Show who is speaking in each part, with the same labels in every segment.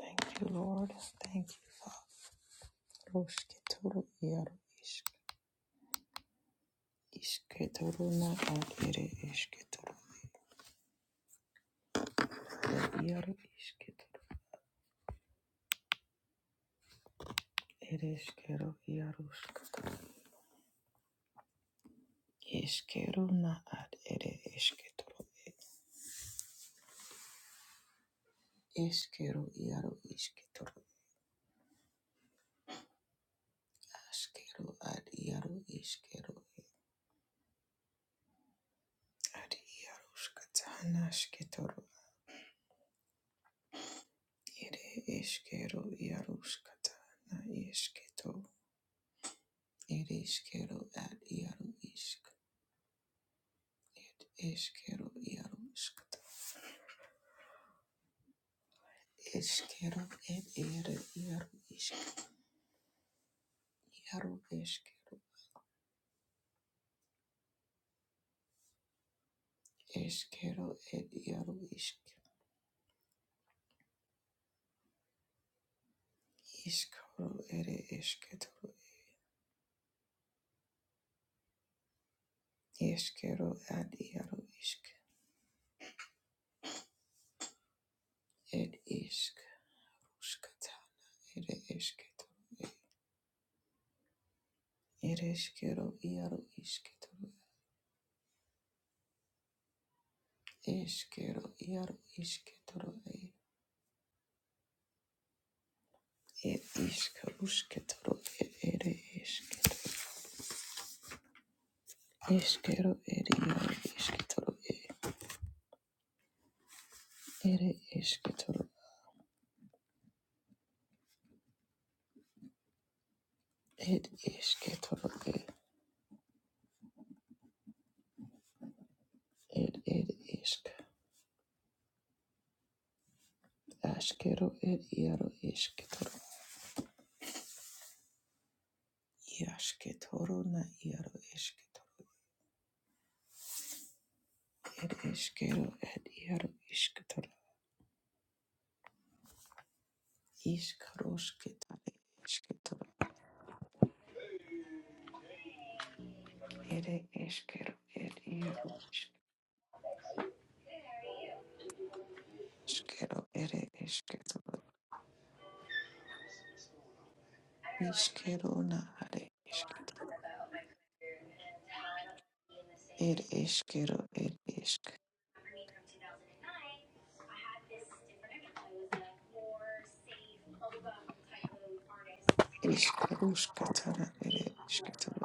Speaker 1: Thank you, Lord. Thank you, Father. Oshketoro iaro ish ishketoro na ad ere ishketoro na iaro ishketoro ere ishkero iaro ishketoro ishkero na ad ere ishketoro ishkero iaro ishketoro ashkero ad iaro ishkero ad iaro ishketana ishketoro ere ishkero iaro ishketana ishketoro ere ishkero ad iaro ishketoro Eskero iaro iskat. Eskero et iaro iaro isk Iaro eskero. Eskero et iaro isk Iskaro ere esketoro. Eskero ad iaro isk. Et isk. Uskata ere esketoro. Ere eskero iaro isketoro. Eskero iaro isketoro. Et isk usketoro et ere esketoro. Eskero ere iaro isketoro. Ere esketoro, ed esketoro, ed ed ed esk, askero ed iaro esketoro, iasketoro na iaro esketoro, ed eskero ed iaro esketoro, iskarosketare esketoro, ere eskero ed iaro esk, askero ere esketoro, iskero na are esketoro, ed eskero ed esk, iskarosketara ere esketoro,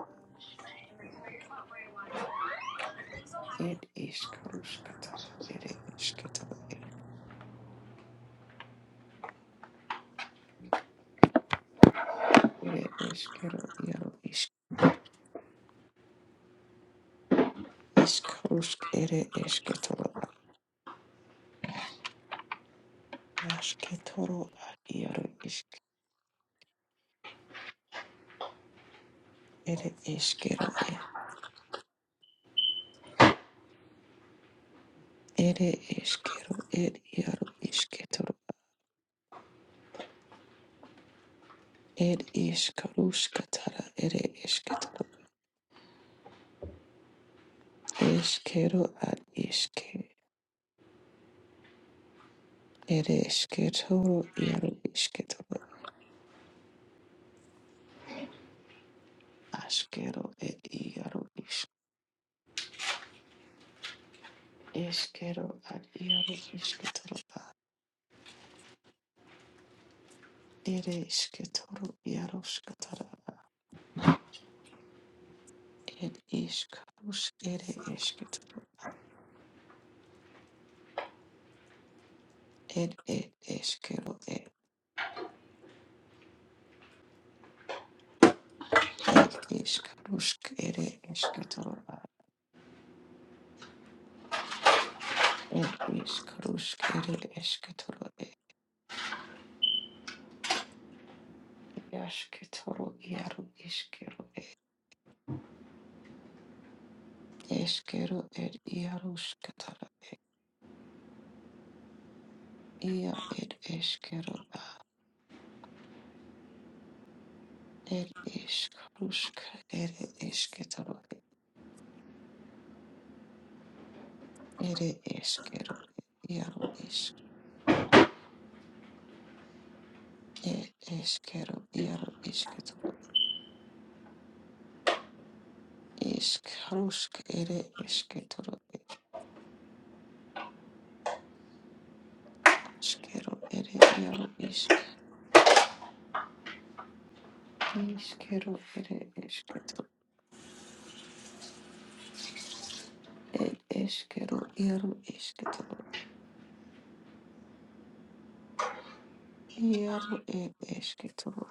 Speaker 1: Ed ishkarushkatara ere ishketoro ere eshkero iaro ishk ishkarushk ere eshketoro ashketoro ar iaro ishk ere eshkero e ere eshkero ed iaro ishketoro ed ishkarushkatara ere eshketoro eshkero ar ishke ere eshketoro iaro ishketoro ashkero ed iaro ishk eshkero ar iaro ishketoro Ere esketoro iaroskatara ed iskarusk ere esketoro ed ed eskero ed ed iskarusk ere esketoro ed iskarusk ere esketoro ed iasketoro iaru iskero ed eskero ed iaruskatara ia ed eskero ed iskarusk ere esketoro ere eskero iaru ir išgeriu ir išgeriu iškarušk ir išgeriu išgeriu ere ir išk išgeriu ir išgeriu ir išgeriu ir išgeriu ir ir išgeriu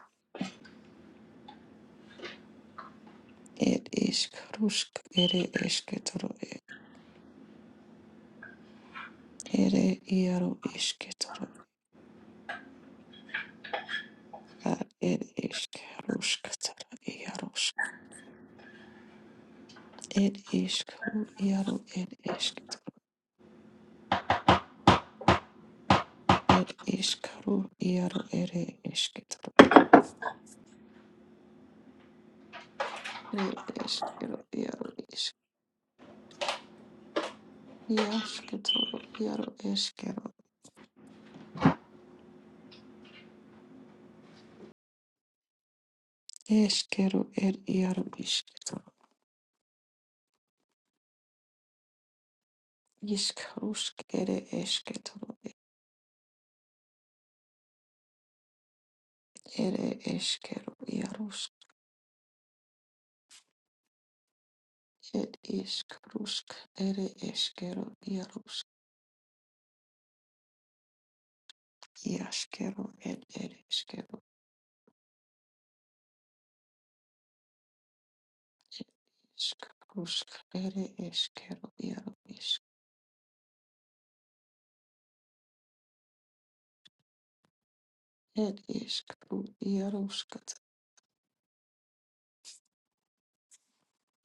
Speaker 1: ir iškarušk ere išgeriu ir ir išgeriu ar ir iškarušk ir išgeriu ir išgeriu ir išgeriu Ed iskaru iaru ere esketoro. Ere eskero iaru isk. Iasketoro iaru eskero. Eskero ed iaru isketoro. Iskarusk ere esketoro. Ere eskero iarusk. Ed iskarusk ere eskero iarusk. Iaskero ed ere eskero. Iskarusk ere eskero iaru isk. Ed iskaru iarusk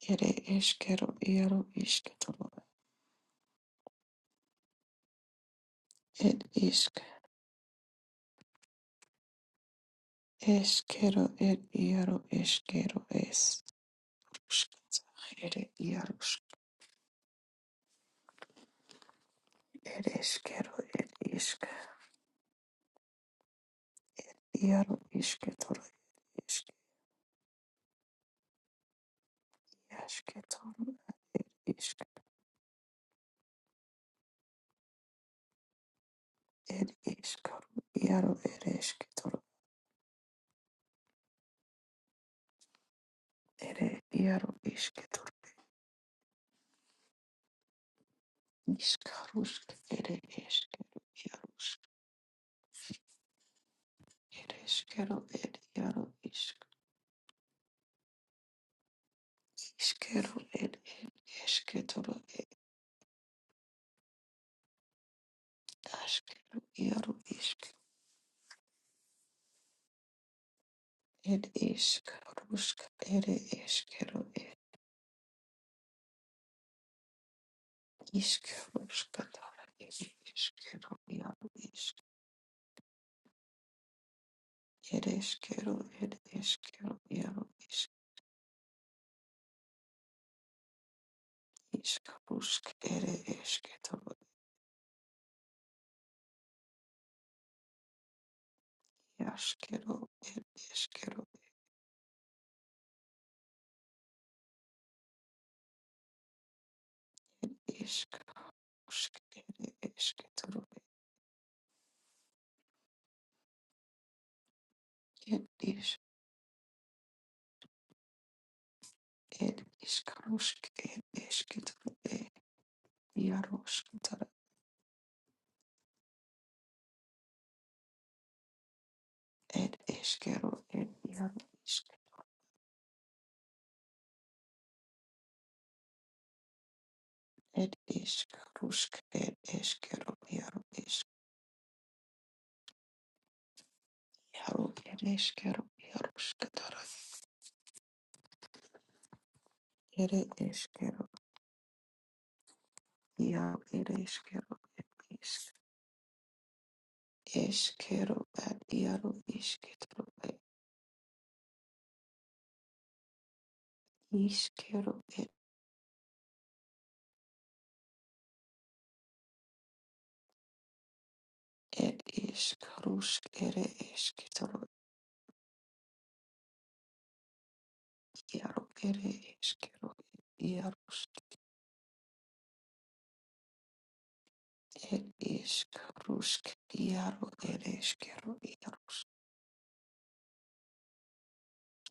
Speaker 1: Ere eskero iaro isketoro ed isk eskero ed iaro eskero es uskatsa ere iaro usk ed eskero ed isk iaro isketoro isk asketoro ed isk ed iskaro iaro ere esketoro ere iaro isketoro iskarusk ere eskero iaro usk ere eskero ed iaro isk Ishkeru ed ed eshketoro ed ashkeru iaru ishk ed ishkarushka ere eshkeru ed ishkarushka tara ed ishkeru iaru ishk ed eshkeru ed eshkeru iaru ishk ishkarushk ere eshketoro iashkeru ed eshkeru ishkarushk ere eshketoro ed ish ed ishkarushk ed eshketoro ed iarushk Ed eskero, ed iaro isk, ed isk, rusk, ed eskero, iaro isk, iaro, ed eskero, iaro skatara, ere eskero, iaro, ed eskero, ed isk, eskero, ed iaro isketaro, ed iskero, ed, ed isk, rusk, ere esketaro, iaro, ere eskero, ed iaro, ed isk, rusk, iaro, ed eskero, iaro.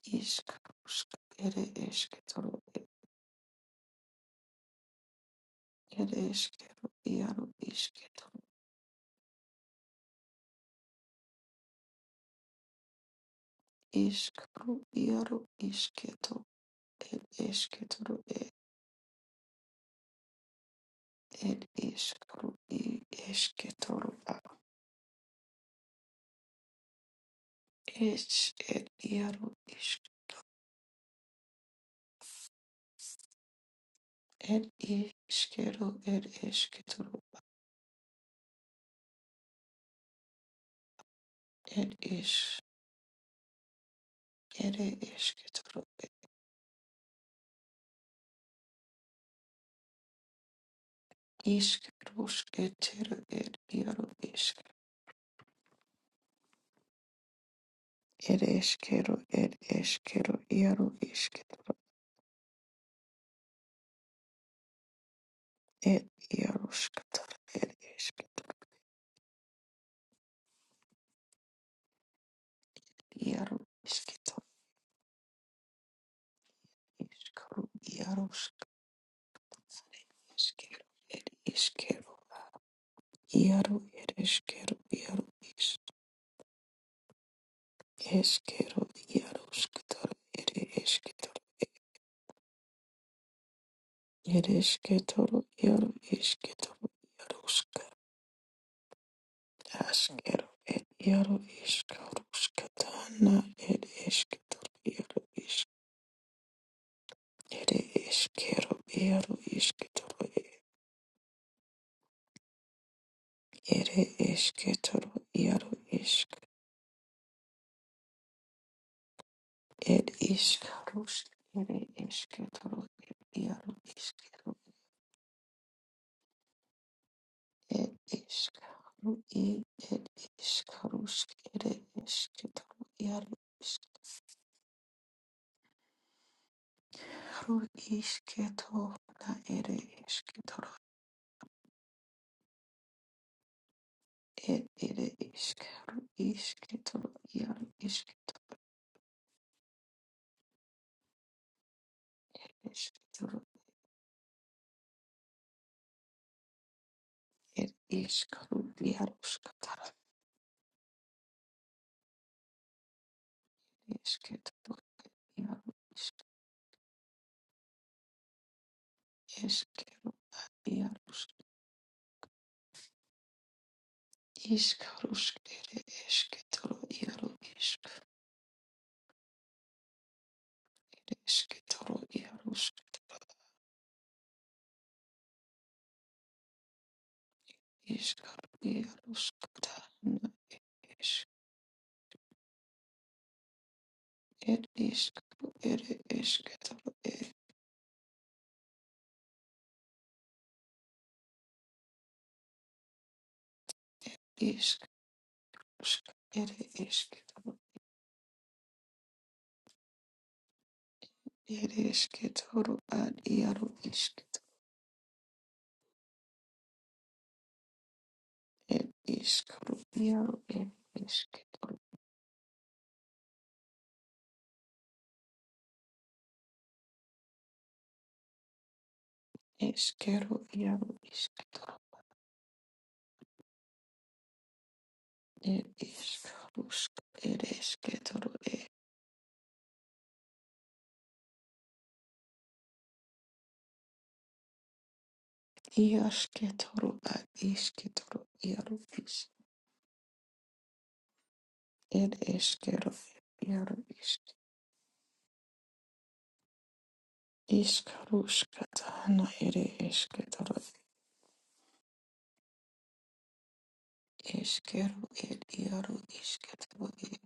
Speaker 1: Ishkarushka ere esketoro ere eskero iaro isketoro ishkaru iaro isketo ere esketoro ere ishkaru i esketoro a esh ere iaro isk ere iskero ere esketoro ere ish ere esketoro ere ere iaro isk ere eskero ere eskero iaro isketo Ed Yarushkatar, Ed Ishkatar, Yaru Ishkatar, Ishkaru, Yarushk, Ishkaru, Ed Ishkaru, Yaru, Ed Ishkaru, Yaru Ish, Ishkaru, Yarushkatar, Ed Ishkatar, Ed Ishkatar, Yaru Ishkatar, Yarushka, Ashkaru, Ed Yaru Ishkarushkatana, Ed Ishkatar, Yaru Ish, Ed Ishkaru, Yaru Ishkatar, Ere esketoro iaro isk ed iskarus ere esketoro iaro iskero ed iskaru i ed iskarus ere esketoro iaro iskaru isketo na ere esketoro ed ere iskaru isketoro iaro isketoro esketoro ed iskaru iaro skatara esketoro iaro isk Jarus iškaruškere ešketoro jaru iškare ešketoro jarušketoro iškaru jaruškata na eš er iškaru ere ešketoro er iškaruška ere ešketoro er ešketoro ad jaru išketoro er iškaru jaru er ešketoro eškero jaru išketoro er iškaruška er ešketoro Iasketoro ad isketoro iaro is ed eskero iaro is iskaruskata na ere esketoro eskero ed iaro isketoro ed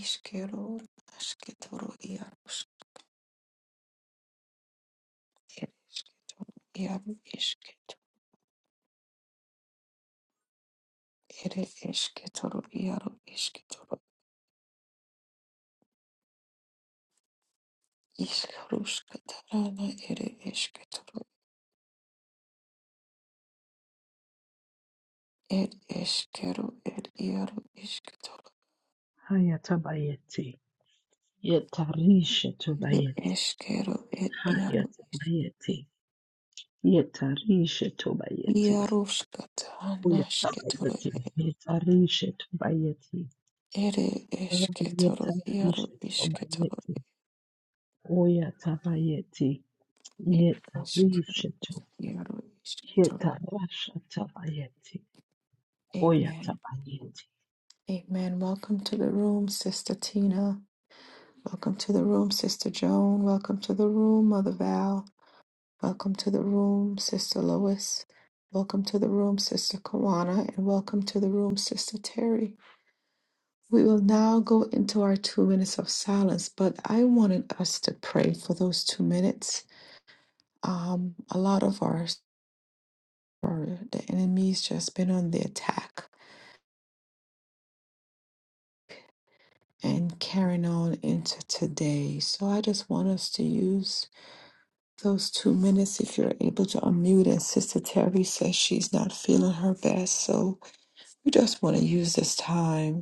Speaker 1: iskero asketoro iaro ed iaro isketo ere esketoro iaro isketoro iskaruskata na ere esketoro ed eskero ed iaro isketoro
Speaker 2: Haya tabayeti. Yetarisha
Speaker 1: Ere
Speaker 2: tobayeti.
Speaker 1: eskero ed
Speaker 2: Haya
Speaker 1: iaro
Speaker 2: tabayeti. Yetarisha tobayeti.
Speaker 1: iaroskata
Speaker 2: Oya
Speaker 1: anasketoro
Speaker 2: tabayeti. Yetarisha tobayeti.
Speaker 1: ere
Speaker 2: Oh,
Speaker 1: esketoro iaro
Speaker 2: Yetarisha
Speaker 1: isketoro
Speaker 2: tobayeti. Oya tabayeti.
Speaker 1: ed oskero
Speaker 2: Yetarisha to.
Speaker 1: iaro isketoro.
Speaker 2: Yetarasha tabayeti. Oya
Speaker 1: Amen.
Speaker 2: tabayeti.
Speaker 1: Amen. Welcome to the room, Sister Tina. Welcome to the room, Sister Joan. Welcome to the room, Mother Val. Welcome to the room, Sister Lois. Welcome to the room, Sister Kawana, and welcome to the room, Sister Terry. We will now go into our two minutes of silence, but I wanted us to pray for those two minutes. Um, a lot of our, our the enemy's just been on the attack and carrying on into today. So I just want us to use those two minutes if you're able to unmute. And Sister Terry says she's not feeling her best, so we just want to use this time.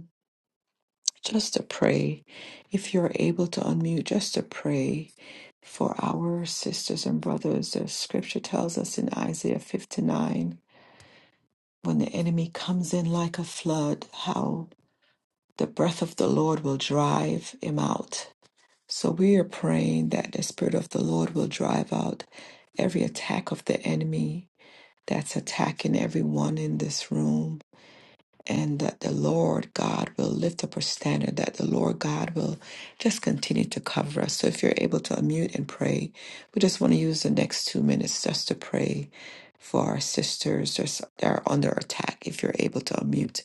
Speaker 1: just to pray. If you're able to unmute, just to pray for our sisters and brothers. The scripture tells us in Isaiah 59 when the enemy comes in like a flood, how the breath of the Lord will drive him out. So we are praying that the Spirit of the Lord will drive out every attack of the enemy that's attacking everyone in this room and that the Lord God will lift up our standard, that the Lord God will just continue to cover us. So if you're able to unmute and pray, we just want to use the next two minutes just to pray for our sisters that's- that are under attack. If you're able to unmute,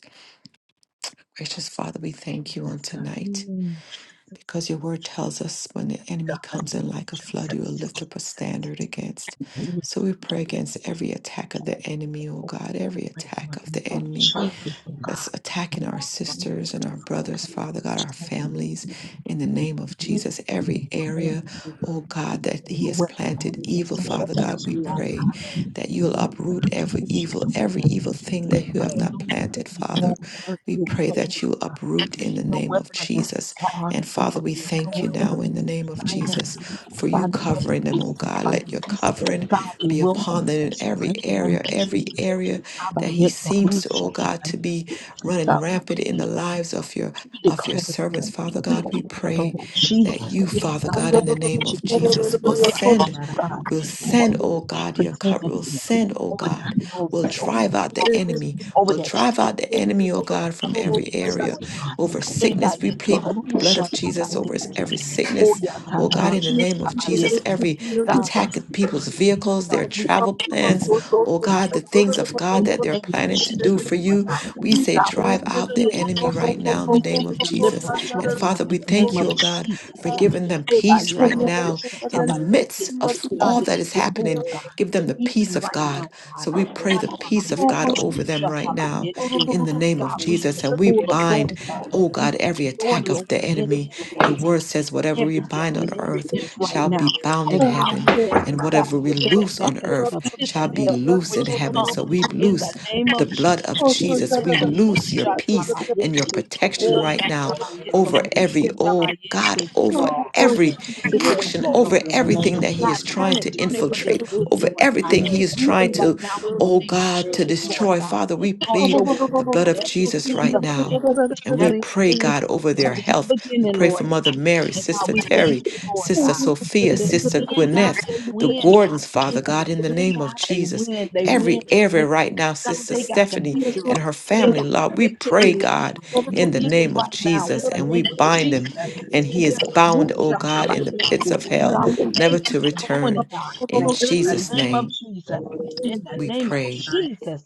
Speaker 1: gracious Father, we thank you on
Speaker 2: Yes, God.
Speaker 1: tonight.
Speaker 2: Mm, Jesus.
Speaker 1: Because your word tells us when the
Speaker 2: Yes,
Speaker 1: enemy
Speaker 2: God.
Speaker 1: comes in
Speaker 2: Thank you,
Speaker 1: like a flood, you will
Speaker 2: Jesus.
Speaker 1: lift up a standard against.
Speaker 2: Yes,
Speaker 1: So we pray against
Speaker 2: God.
Speaker 1: every attack of the enemy, oh
Speaker 2: Oh,
Speaker 1: God,
Speaker 2: yes,
Speaker 1: every
Speaker 2: God, Right now,
Speaker 1: attack
Speaker 2: in the
Speaker 1: of the
Speaker 2: name of
Speaker 1: enemy
Speaker 2: Jesus, oh
Speaker 1: that's
Speaker 2: God.
Speaker 1: attacking our
Speaker 2: Yes,
Speaker 1: sisters and our
Speaker 2: God, we
Speaker 1: brothers,
Speaker 2: come
Speaker 1: Father
Speaker 2: against
Speaker 1: God,
Speaker 2: it
Speaker 1: our
Speaker 2: already.
Speaker 1: families, in the name
Speaker 2: Hallelujah.
Speaker 1: of
Speaker 2: We need
Speaker 1: Jesus,
Speaker 2: to
Speaker 1: every
Speaker 2: declare
Speaker 1: area,
Speaker 2: that
Speaker 1: oh God, that He
Speaker 2: no
Speaker 1: has
Speaker 2: weapon formed
Speaker 1: planted evil,
Speaker 2: against us shall
Speaker 1: Father God, we
Speaker 2: prosper,
Speaker 3: Yes,
Speaker 2: oh
Speaker 1: pray
Speaker 2: God.
Speaker 1: that you'll
Speaker 2: Oh
Speaker 1: uproot
Speaker 2: God,
Speaker 1: every
Speaker 2: please, you to
Speaker 1: evil,
Speaker 2: my
Speaker 1: every evil
Speaker 2: empty.
Speaker 1: thing
Speaker 3: yes,
Speaker 1: that you
Speaker 2: God,
Speaker 1: have
Speaker 3: Lord.
Speaker 1: not
Speaker 2: no weapon,
Speaker 1: planted,
Speaker 2: it
Speaker 1: Father.
Speaker 2: won't work, it
Speaker 1: We pray
Speaker 2: won't
Speaker 1: that
Speaker 2: work,
Speaker 1: you
Speaker 2: God.
Speaker 1: uproot in the
Speaker 2: No
Speaker 1: name of
Speaker 2: weapon against their
Speaker 1: Jesus. And
Speaker 2: arms, Lord
Speaker 1: Father, we
Speaker 2: God. No
Speaker 1: thank you
Speaker 2: weapon
Speaker 1: now in the
Speaker 2: against their
Speaker 1: name of Jesus
Speaker 2: finances.
Speaker 1: for you
Speaker 2: God, no weapon
Speaker 1: covering them, oh
Speaker 2: against their
Speaker 1: God. Let your
Speaker 2: bodies.
Speaker 1: covering
Speaker 2: God, it
Speaker 1: be
Speaker 2: will not
Speaker 1: upon them in
Speaker 2: prosper
Speaker 1: every
Speaker 2: in the name
Speaker 1: area,
Speaker 2: of
Speaker 1: every
Speaker 2: Jesus.
Speaker 1: area that He
Speaker 2: Abayeto
Speaker 1: seems to, oh
Speaker 2: rusha
Speaker 1: God, to be
Speaker 2: tabayete.
Speaker 1: running
Speaker 2: God, we
Speaker 1: rampant in
Speaker 2: plead
Speaker 1: the
Speaker 2: the
Speaker 1: lives
Speaker 2: blood.
Speaker 1: of your
Speaker 2: We
Speaker 1: of your
Speaker 2: declare the
Speaker 1: servants,
Speaker 2: blood.
Speaker 1: Father
Speaker 2: We
Speaker 1: God. We
Speaker 2: apply the blood
Speaker 1: pray
Speaker 2: of
Speaker 1: that
Speaker 2: Jesus.
Speaker 1: you, Father
Speaker 2: God,
Speaker 1: God, in
Speaker 2: over
Speaker 1: the name
Speaker 2: each
Speaker 1: of
Speaker 2: and every
Speaker 4: Oh,
Speaker 1: Jesus, will
Speaker 2: one of our
Speaker 1: send
Speaker 2: sisters, God,
Speaker 1: will
Speaker 2: over
Speaker 1: send, oh
Speaker 2: everything
Speaker 1: God, your cut
Speaker 2: pertaining
Speaker 1: will
Speaker 2: to them,
Speaker 1: send, oh
Speaker 2: over their
Speaker 1: God, will
Speaker 2: houses, over
Speaker 1: drive
Speaker 2: their
Speaker 1: out the
Speaker 2: cars,
Speaker 1: enemy,
Speaker 2: over
Speaker 1: will
Speaker 2: their
Speaker 1: drive out
Speaker 2: children,
Speaker 1: the enemy, oh
Speaker 2: over their
Speaker 1: God, from every
Speaker 2: finances,
Speaker 1: area.
Speaker 2: Lord God.
Speaker 1: Over sickness, we
Speaker 2: Ebayete
Speaker 1: plead the blood
Speaker 2: rusha
Speaker 1: of Jesus over s-
Speaker 2: tabayete.
Speaker 1: every sickness,
Speaker 2: Oya
Speaker 1: oh God, in the
Speaker 2: tarasha
Speaker 1: name of Jesus,
Speaker 2: tabayete.
Speaker 1: every
Speaker 2: God,
Speaker 1: attack
Speaker 2: we
Speaker 1: at people's
Speaker 2: decree.
Speaker 1: vehicles,
Speaker 2: God,
Speaker 1: their
Speaker 2: we
Speaker 1: travel
Speaker 2: decree it
Speaker 1: plans,
Speaker 2: will work,
Speaker 1: oh God,
Speaker 2: Father
Speaker 1: the
Speaker 2: God.
Speaker 1: things of God
Speaker 2: In the
Speaker 1: that they're
Speaker 2: name of
Speaker 1: planning to do
Speaker 2: Jesus,
Speaker 1: for
Speaker 2: Lord
Speaker 1: you.
Speaker 2: God.
Speaker 1: We say,
Speaker 2: God, we
Speaker 1: drive
Speaker 2: speak
Speaker 1: out the
Speaker 2: healing,
Speaker 1: enemy
Speaker 2: God.
Speaker 1: right now in the
Speaker 2: We
Speaker 1: name
Speaker 2: speak
Speaker 1: of Jesus.
Speaker 2: deliverance
Speaker 1: And
Speaker 2: right now
Speaker 1: Father,
Speaker 2: in
Speaker 1: we
Speaker 2: the name
Speaker 1: thank you,
Speaker 2: of
Speaker 1: oh God, for
Speaker 2: Jesus. Uh,
Speaker 1: giving them peace
Speaker 2: Ebayete
Speaker 1: right now
Speaker 2: rusha
Speaker 1: in the midst
Speaker 2: tabayete.
Speaker 1: of
Speaker 2: God,
Speaker 1: all
Speaker 2: that
Speaker 1: that
Speaker 2: you
Speaker 1: is
Speaker 2: will move,
Speaker 1: happening.
Speaker 2: God,
Speaker 1: Give them the peace
Speaker 2: even
Speaker 1: of
Speaker 2: right now,
Speaker 1: God.
Speaker 2: God.
Speaker 1: So we pray
Speaker 2: God,
Speaker 1: the peace of God
Speaker 2: Abayete
Speaker 1: over them
Speaker 2: rusha
Speaker 1: right now
Speaker 2: tabayete.
Speaker 1: in the name of
Speaker 2: God, we
Speaker 1: Jesus.
Speaker 2: take
Speaker 1: And we
Speaker 2: full
Speaker 3: Yes,
Speaker 1: bind,
Speaker 2: authority.
Speaker 3: Father.
Speaker 1: oh
Speaker 2: We
Speaker 1: God,
Speaker 2: take
Speaker 1: every attack
Speaker 2: authority
Speaker 1: of
Speaker 2: over
Speaker 1: the
Speaker 2: the enemy,
Speaker 1: enemy. Your
Speaker 2: Lord,
Speaker 1: word
Speaker 2: and
Speaker 1: says, whatever we
Speaker 2: every
Speaker 1: bind
Speaker 2: devil
Speaker 1: on
Speaker 2: and every
Speaker 1: earth
Speaker 2: inch right
Speaker 1: shall be
Speaker 2: now.
Speaker 1: bound in
Speaker 2: And God,
Speaker 1: heaven,
Speaker 2: we send it
Speaker 1: and
Speaker 2: back.
Speaker 1: whatever we
Speaker 2: We send it
Speaker 1: loose
Speaker 2: back
Speaker 1: on
Speaker 2: into
Speaker 1: earth
Speaker 2: the pits
Speaker 1: shall
Speaker 2: of
Speaker 1: be
Speaker 2: hell from
Speaker 1: loose in
Speaker 2: which you
Speaker 1: heaven.
Speaker 2: come
Speaker 1: So we
Speaker 2: in
Speaker 1: loose
Speaker 2: the name
Speaker 1: the
Speaker 2: of Jesus.
Speaker 1: blood of Jesus. We loose your
Speaker 3: Yes,
Speaker 1: peace
Speaker 4: so
Speaker 1: and your
Speaker 2: Yeturushatabayete.
Speaker 4: Oh my
Speaker 1: protection
Speaker 2: Oh,
Speaker 3: yes,
Speaker 4: God.
Speaker 1: right now
Speaker 3: Lord. In the
Speaker 2: yatabayete,
Speaker 3: name
Speaker 1: over
Speaker 3: of Jesus,
Speaker 1: every, oh God,
Speaker 2: rushatabayete.
Speaker 1: over
Speaker 2: Oh,
Speaker 3: God.
Speaker 2: God,
Speaker 3: Yes,
Speaker 1: every
Speaker 2: turn the
Speaker 3: yes,
Speaker 2: situation
Speaker 1: action,
Speaker 3: Lord.
Speaker 1: over
Speaker 2: around,
Speaker 3: In the
Speaker 2: Lord.
Speaker 3: name
Speaker 1: everything
Speaker 3: of
Speaker 1: that he
Speaker 2: God,
Speaker 3: Jesus,
Speaker 1: is
Speaker 2: turn
Speaker 1: trying
Speaker 2: it,
Speaker 1: to
Speaker 2: turn it for their
Speaker 1: infiltrate,
Speaker 2: good,
Speaker 1: over
Speaker 2: Lord God.
Speaker 1: everything
Speaker 3: yes,
Speaker 1: he is
Speaker 3: Lord.
Speaker 2: Even
Speaker 1: trying to,
Speaker 2: right now, in the
Speaker 1: oh
Speaker 2: name of
Speaker 1: God,
Speaker 3: Yes,
Speaker 1: to
Speaker 2: Jesus,
Speaker 3: Lord.
Speaker 2: Lord
Speaker 1: destroy.
Speaker 2: God.
Speaker 1: Father, we
Speaker 2: Lord,
Speaker 1: plead
Speaker 2: your word
Speaker 1: the
Speaker 2: says,
Speaker 1: blood of
Speaker 2: better is the
Speaker 1: Jesus
Speaker 2: end
Speaker 1: right
Speaker 2: of a
Speaker 1: now.
Speaker 2: thing
Speaker 1: And we
Speaker 2: that is
Speaker 1: pray,
Speaker 2: the end
Speaker 1: God,
Speaker 2: of a
Speaker 1: over
Speaker 2: thing.
Speaker 1: their
Speaker 2: Then the
Speaker 1: health. We
Speaker 2: beginning,
Speaker 1: pray for
Speaker 2: Lord
Speaker 1: Mother
Speaker 2: God.
Speaker 1: Mary,
Speaker 2: And God,
Speaker 1: Sister
Speaker 2: we thank
Speaker 1: Terry,
Speaker 2: you, Lord
Speaker 1: Sister
Speaker 2: God,
Speaker 1: Sophia,
Speaker 2: that at
Speaker 1: Sister
Speaker 2: the end, God,
Speaker 1: Gwyneth,
Speaker 2: they
Speaker 1: the
Speaker 2: win, God.
Speaker 1: Gordons, Father
Speaker 2: At
Speaker 1: God, in the
Speaker 2: the end,
Speaker 1: name of
Speaker 2: God, they
Speaker 1: Jesus
Speaker 2: win, they
Speaker 3: Yes,
Speaker 1: every
Speaker 2: win, they
Speaker 1: area
Speaker 2: win.
Speaker 1: right now,
Speaker 2: God,
Speaker 1: Sister
Speaker 2: they got the
Speaker 1: Stephanie
Speaker 2: victory.
Speaker 1: and her
Speaker 2: They
Speaker 1: family,
Speaker 2: got the
Speaker 1: Lord. We pray,
Speaker 2: victory, Lord
Speaker 1: God,
Speaker 2: God.
Speaker 1: in the
Speaker 2: Even
Speaker 1: name of
Speaker 2: right now, in
Speaker 1: Jesus,
Speaker 2: the
Speaker 1: and we
Speaker 2: name of
Speaker 1: bind him,
Speaker 2: Jesus.
Speaker 1: and he is
Speaker 2: Yes,
Speaker 1: bound, oh
Speaker 2: Rusha
Speaker 1: God, in the pits
Speaker 2: Kabayeti.
Speaker 1: of hell,
Speaker 2: God, we
Speaker 1: never
Speaker 2: thank you
Speaker 1: to
Speaker 2: for doing it,
Speaker 1: return.
Speaker 2: God.
Speaker 1: In
Speaker 3: name of
Speaker 2: In the
Speaker 3: Jesus.
Speaker 1: Jesus'
Speaker 2: name of
Speaker 1: name,
Speaker 2: Jesus. In the
Speaker 1: we
Speaker 2: name of
Speaker 1: pray.
Speaker 2: Jesus.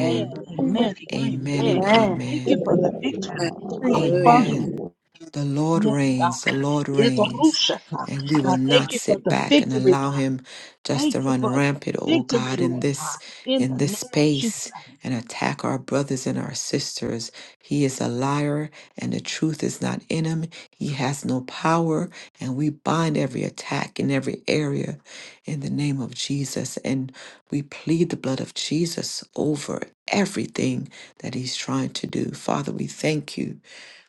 Speaker 3: Amen.
Speaker 4: Amen.
Speaker 2: Amen.
Speaker 1: Amen
Speaker 2: Amen.
Speaker 1: and
Speaker 3: Amen.
Speaker 2: Thank you
Speaker 1: amen.
Speaker 4: Amen.
Speaker 2: for the victory.
Speaker 4: Thank you,
Speaker 5: Hallelujah.
Speaker 4: Father.
Speaker 2: Hallelujah.
Speaker 1: Amen. The Lord
Speaker 2: Yes, God.
Speaker 1: reigns, the Lord
Speaker 2: Yes,
Speaker 1: reigns,
Speaker 2: Rushata.
Speaker 1: and we will
Speaker 2: God, thank
Speaker 1: not
Speaker 2: you for
Speaker 1: sit
Speaker 2: the
Speaker 1: back and
Speaker 2: victory,
Speaker 1: allow
Speaker 2: God.
Speaker 1: him just
Speaker 2: Thank
Speaker 1: to
Speaker 2: you
Speaker 1: run
Speaker 2: for
Speaker 1: rampant, oh
Speaker 2: victory,
Speaker 1: God, in
Speaker 2: Lord
Speaker 1: this
Speaker 2: God, in
Speaker 1: in
Speaker 2: the name
Speaker 1: this
Speaker 2: of Jesus.
Speaker 1: space and attack our brothers and our sisters. He is a liar and the truth is not in him. He has no power, and we bind every attack in every area in the name of Jesus and we plead the blood of Jesus over everything that he's trying to do. Father, we thank you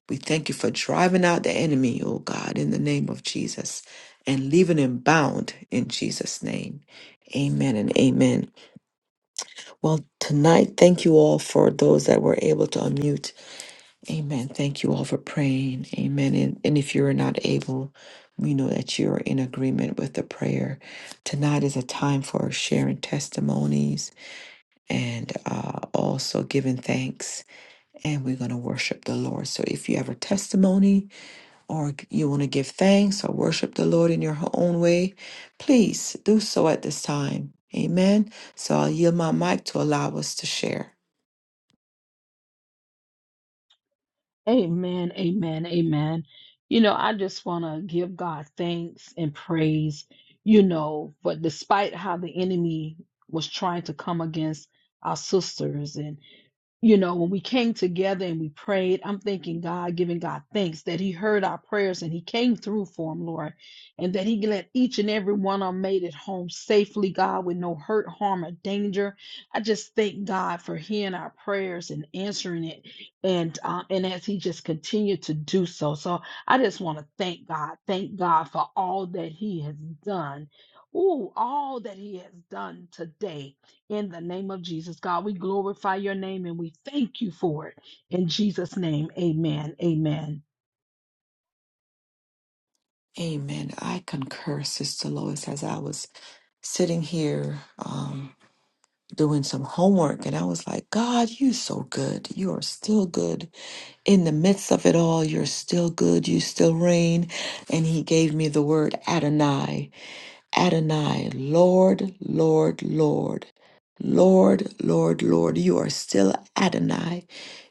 Speaker 1: we thank you for driving out the enemy, oh God, in the name of Jesus and leaving him bound in Jesus' name. Amen and amen. Well, tonight, thank you all for those that were able to unmute. Amen. Thank you all for praying. Amen. And, and if you're not able, we know that you're in agreement with the prayer. Tonight is a time for sharing testimonies and uh, also giving thanks. And we're going to worship the Lord. So if you have a testimony, or you want to give thanks or worship the Lord in your own way, please do so at this time. Amen. So I'll yield my mic to allow us to share.
Speaker 2: Amen, amen, amen. You know, I just want to give God thanks and praise, you know, but despite how the enemy was trying to come against our sisters and. you know, when we came together and we prayed, I'm thanking God, giving God thanks that He heard our prayers and He came through for him, Lord, and that He let each and every one of 'em made it home safely, God, with no hurt, harm, or danger. I just thank God for hearing our prayers and answering it, and uh, and as He just continued to do so. So I just want to thank God, thank God for all that He has done. Ooh, all that He has done today in the name of Jesus. God, we glorify your name and we thank you for it. In Jesus' name, amen. Amen.
Speaker 1: Amen. I concur, Sister Lois, as I was sitting here um, doing some homework, and I was like, God, you so good. You are still good. In the midst of it all, you're still good. You still reign. And He gave me the word Adonai. Adonai, Lord, Lord, Lord, Lord, Lord, Lord, you are still Adonai.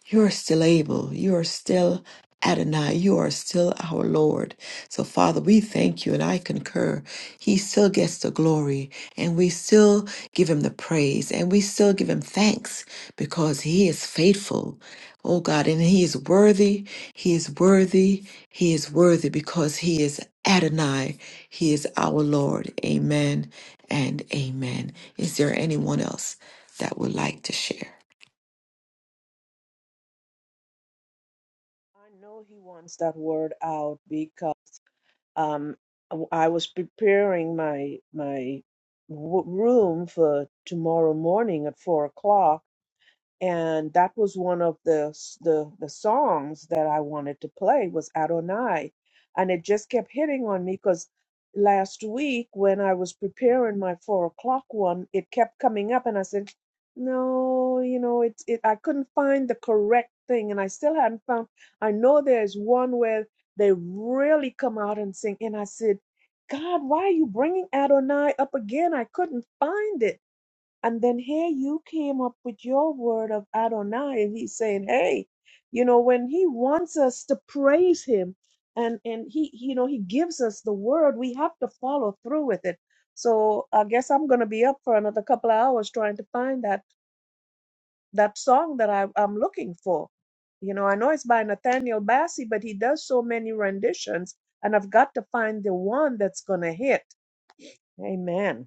Speaker 1: You are still able. You are still Adonai. You are still our Lord. So, Father, we thank you, and I concur. He still gets the glory, and we still give him the praise, and we still give him thanks because he is faithful. Oh God, and He is worthy, He is worthy, He is worthy because He is Adonai, He is our Lord. Amen and amen. Is there anyone else that would like to share?
Speaker 6: I know he wants that word out because um, w- I was preparing my my w- room for tomorrow morning at four o'clock and that was one of the s- the the songs that I wanted to play was Adonai, and it just kept hitting on me because last week when I was preparing my four o'clock one, it kept coming up, and I said, "No, you know, it's it." I couldn't find the correct thing, and I still hadn't found. I know there's one where they really come out and sing, and I said, "God, why are you bringing Adonai up again? I couldn't find it." And then here you came up with your word of Adonai. and He's saying, hey, you know, when he wants us to praise him and, and he, you know, he gives us the word, we have to follow through with it. So I guess I'm going to be up for another couple of hours trying to find that, that song that I, I'm looking for. You know, I know it's by Nathaniel Bassey, but he does so many renditions and I've got to find the one that's going to hit. Amen.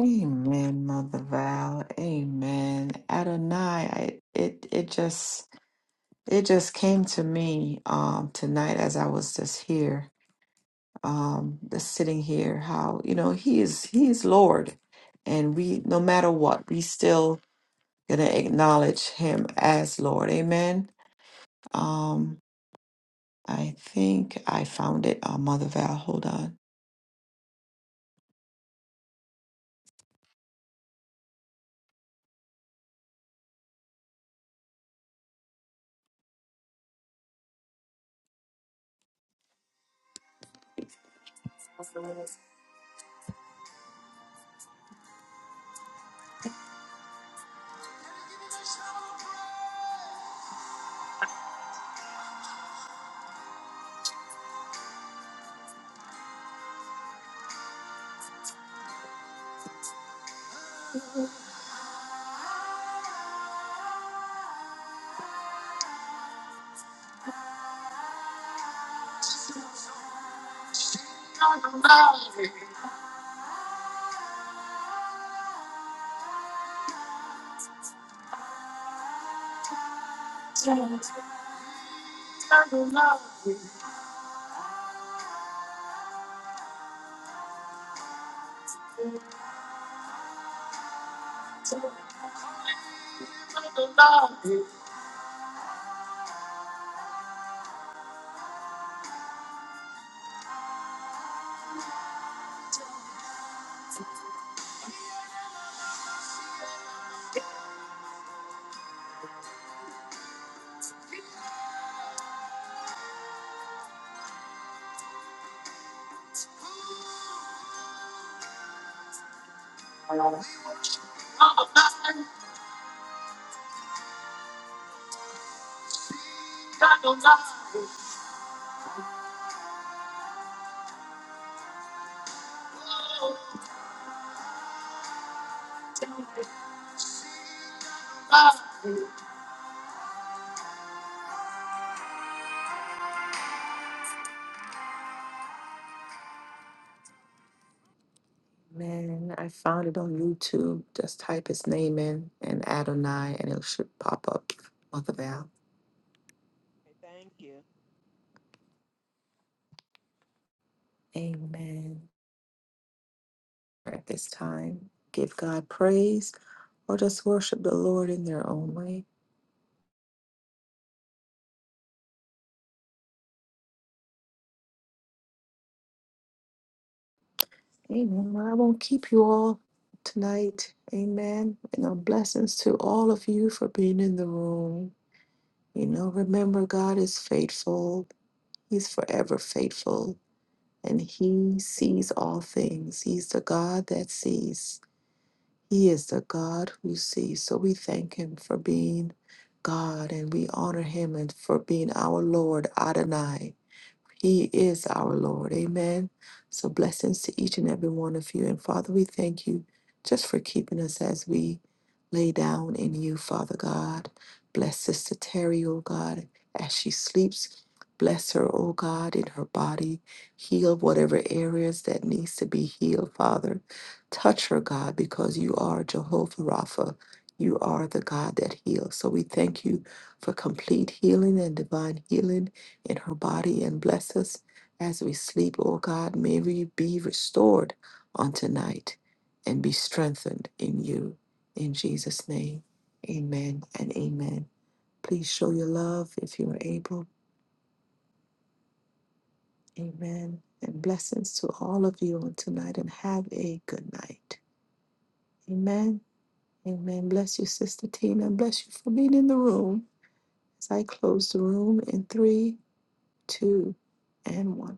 Speaker 1: Amen, Mother Val. Amen. Adonai, I, it it just it just came to me um tonight as I was just here, um, just sitting here, how you know He is He is Lord. And we, no matter what, we still going to acknowledge him as Lord. Amen. Um, I think I found it. Uh, Mother Val, hold on. Man, I found it on YouTube. Just type his name in and Adonai, and it should pop up. Mother Val.
Speaker 6: Thank you.
Speaker 1: Amen. At this time, give God praise or just worship the Lord in their own way. Amen. Well, I won't keep you all tonight. Amen. You know, blessings to all of you for being in the room. You know, remember, God is faithful, He's forever faithful, and He sees all things. He's the God that sees. He is the God who sees. So we thank him for being God and we honor him and for being our Lord Adonai. He is our Lord. Amen. So blessings to each and every one of you. And Father, we thank you just for keeping us as we lay down in you, Father God. Bless Sister Terry, oh God, as she sleeps. Bless her, oh God, in her body. Heal whatever areas that needs to be healed, Father. Touch her, God, because you are Jehovah Rapha. You are the God that heals. So we thank you for complete healing and divine healing in her body and bless us as we sleep, O God. May we be restored on tonight and be strengthened in you. In Jesus' name, amen and amen. Please show your love if you are able. Amen. And blessings to all of you on tonight and have a good night. Amen. Amen. Bless you, Sister Tina. Bless you for being in the room as I close the room in three, two, and one.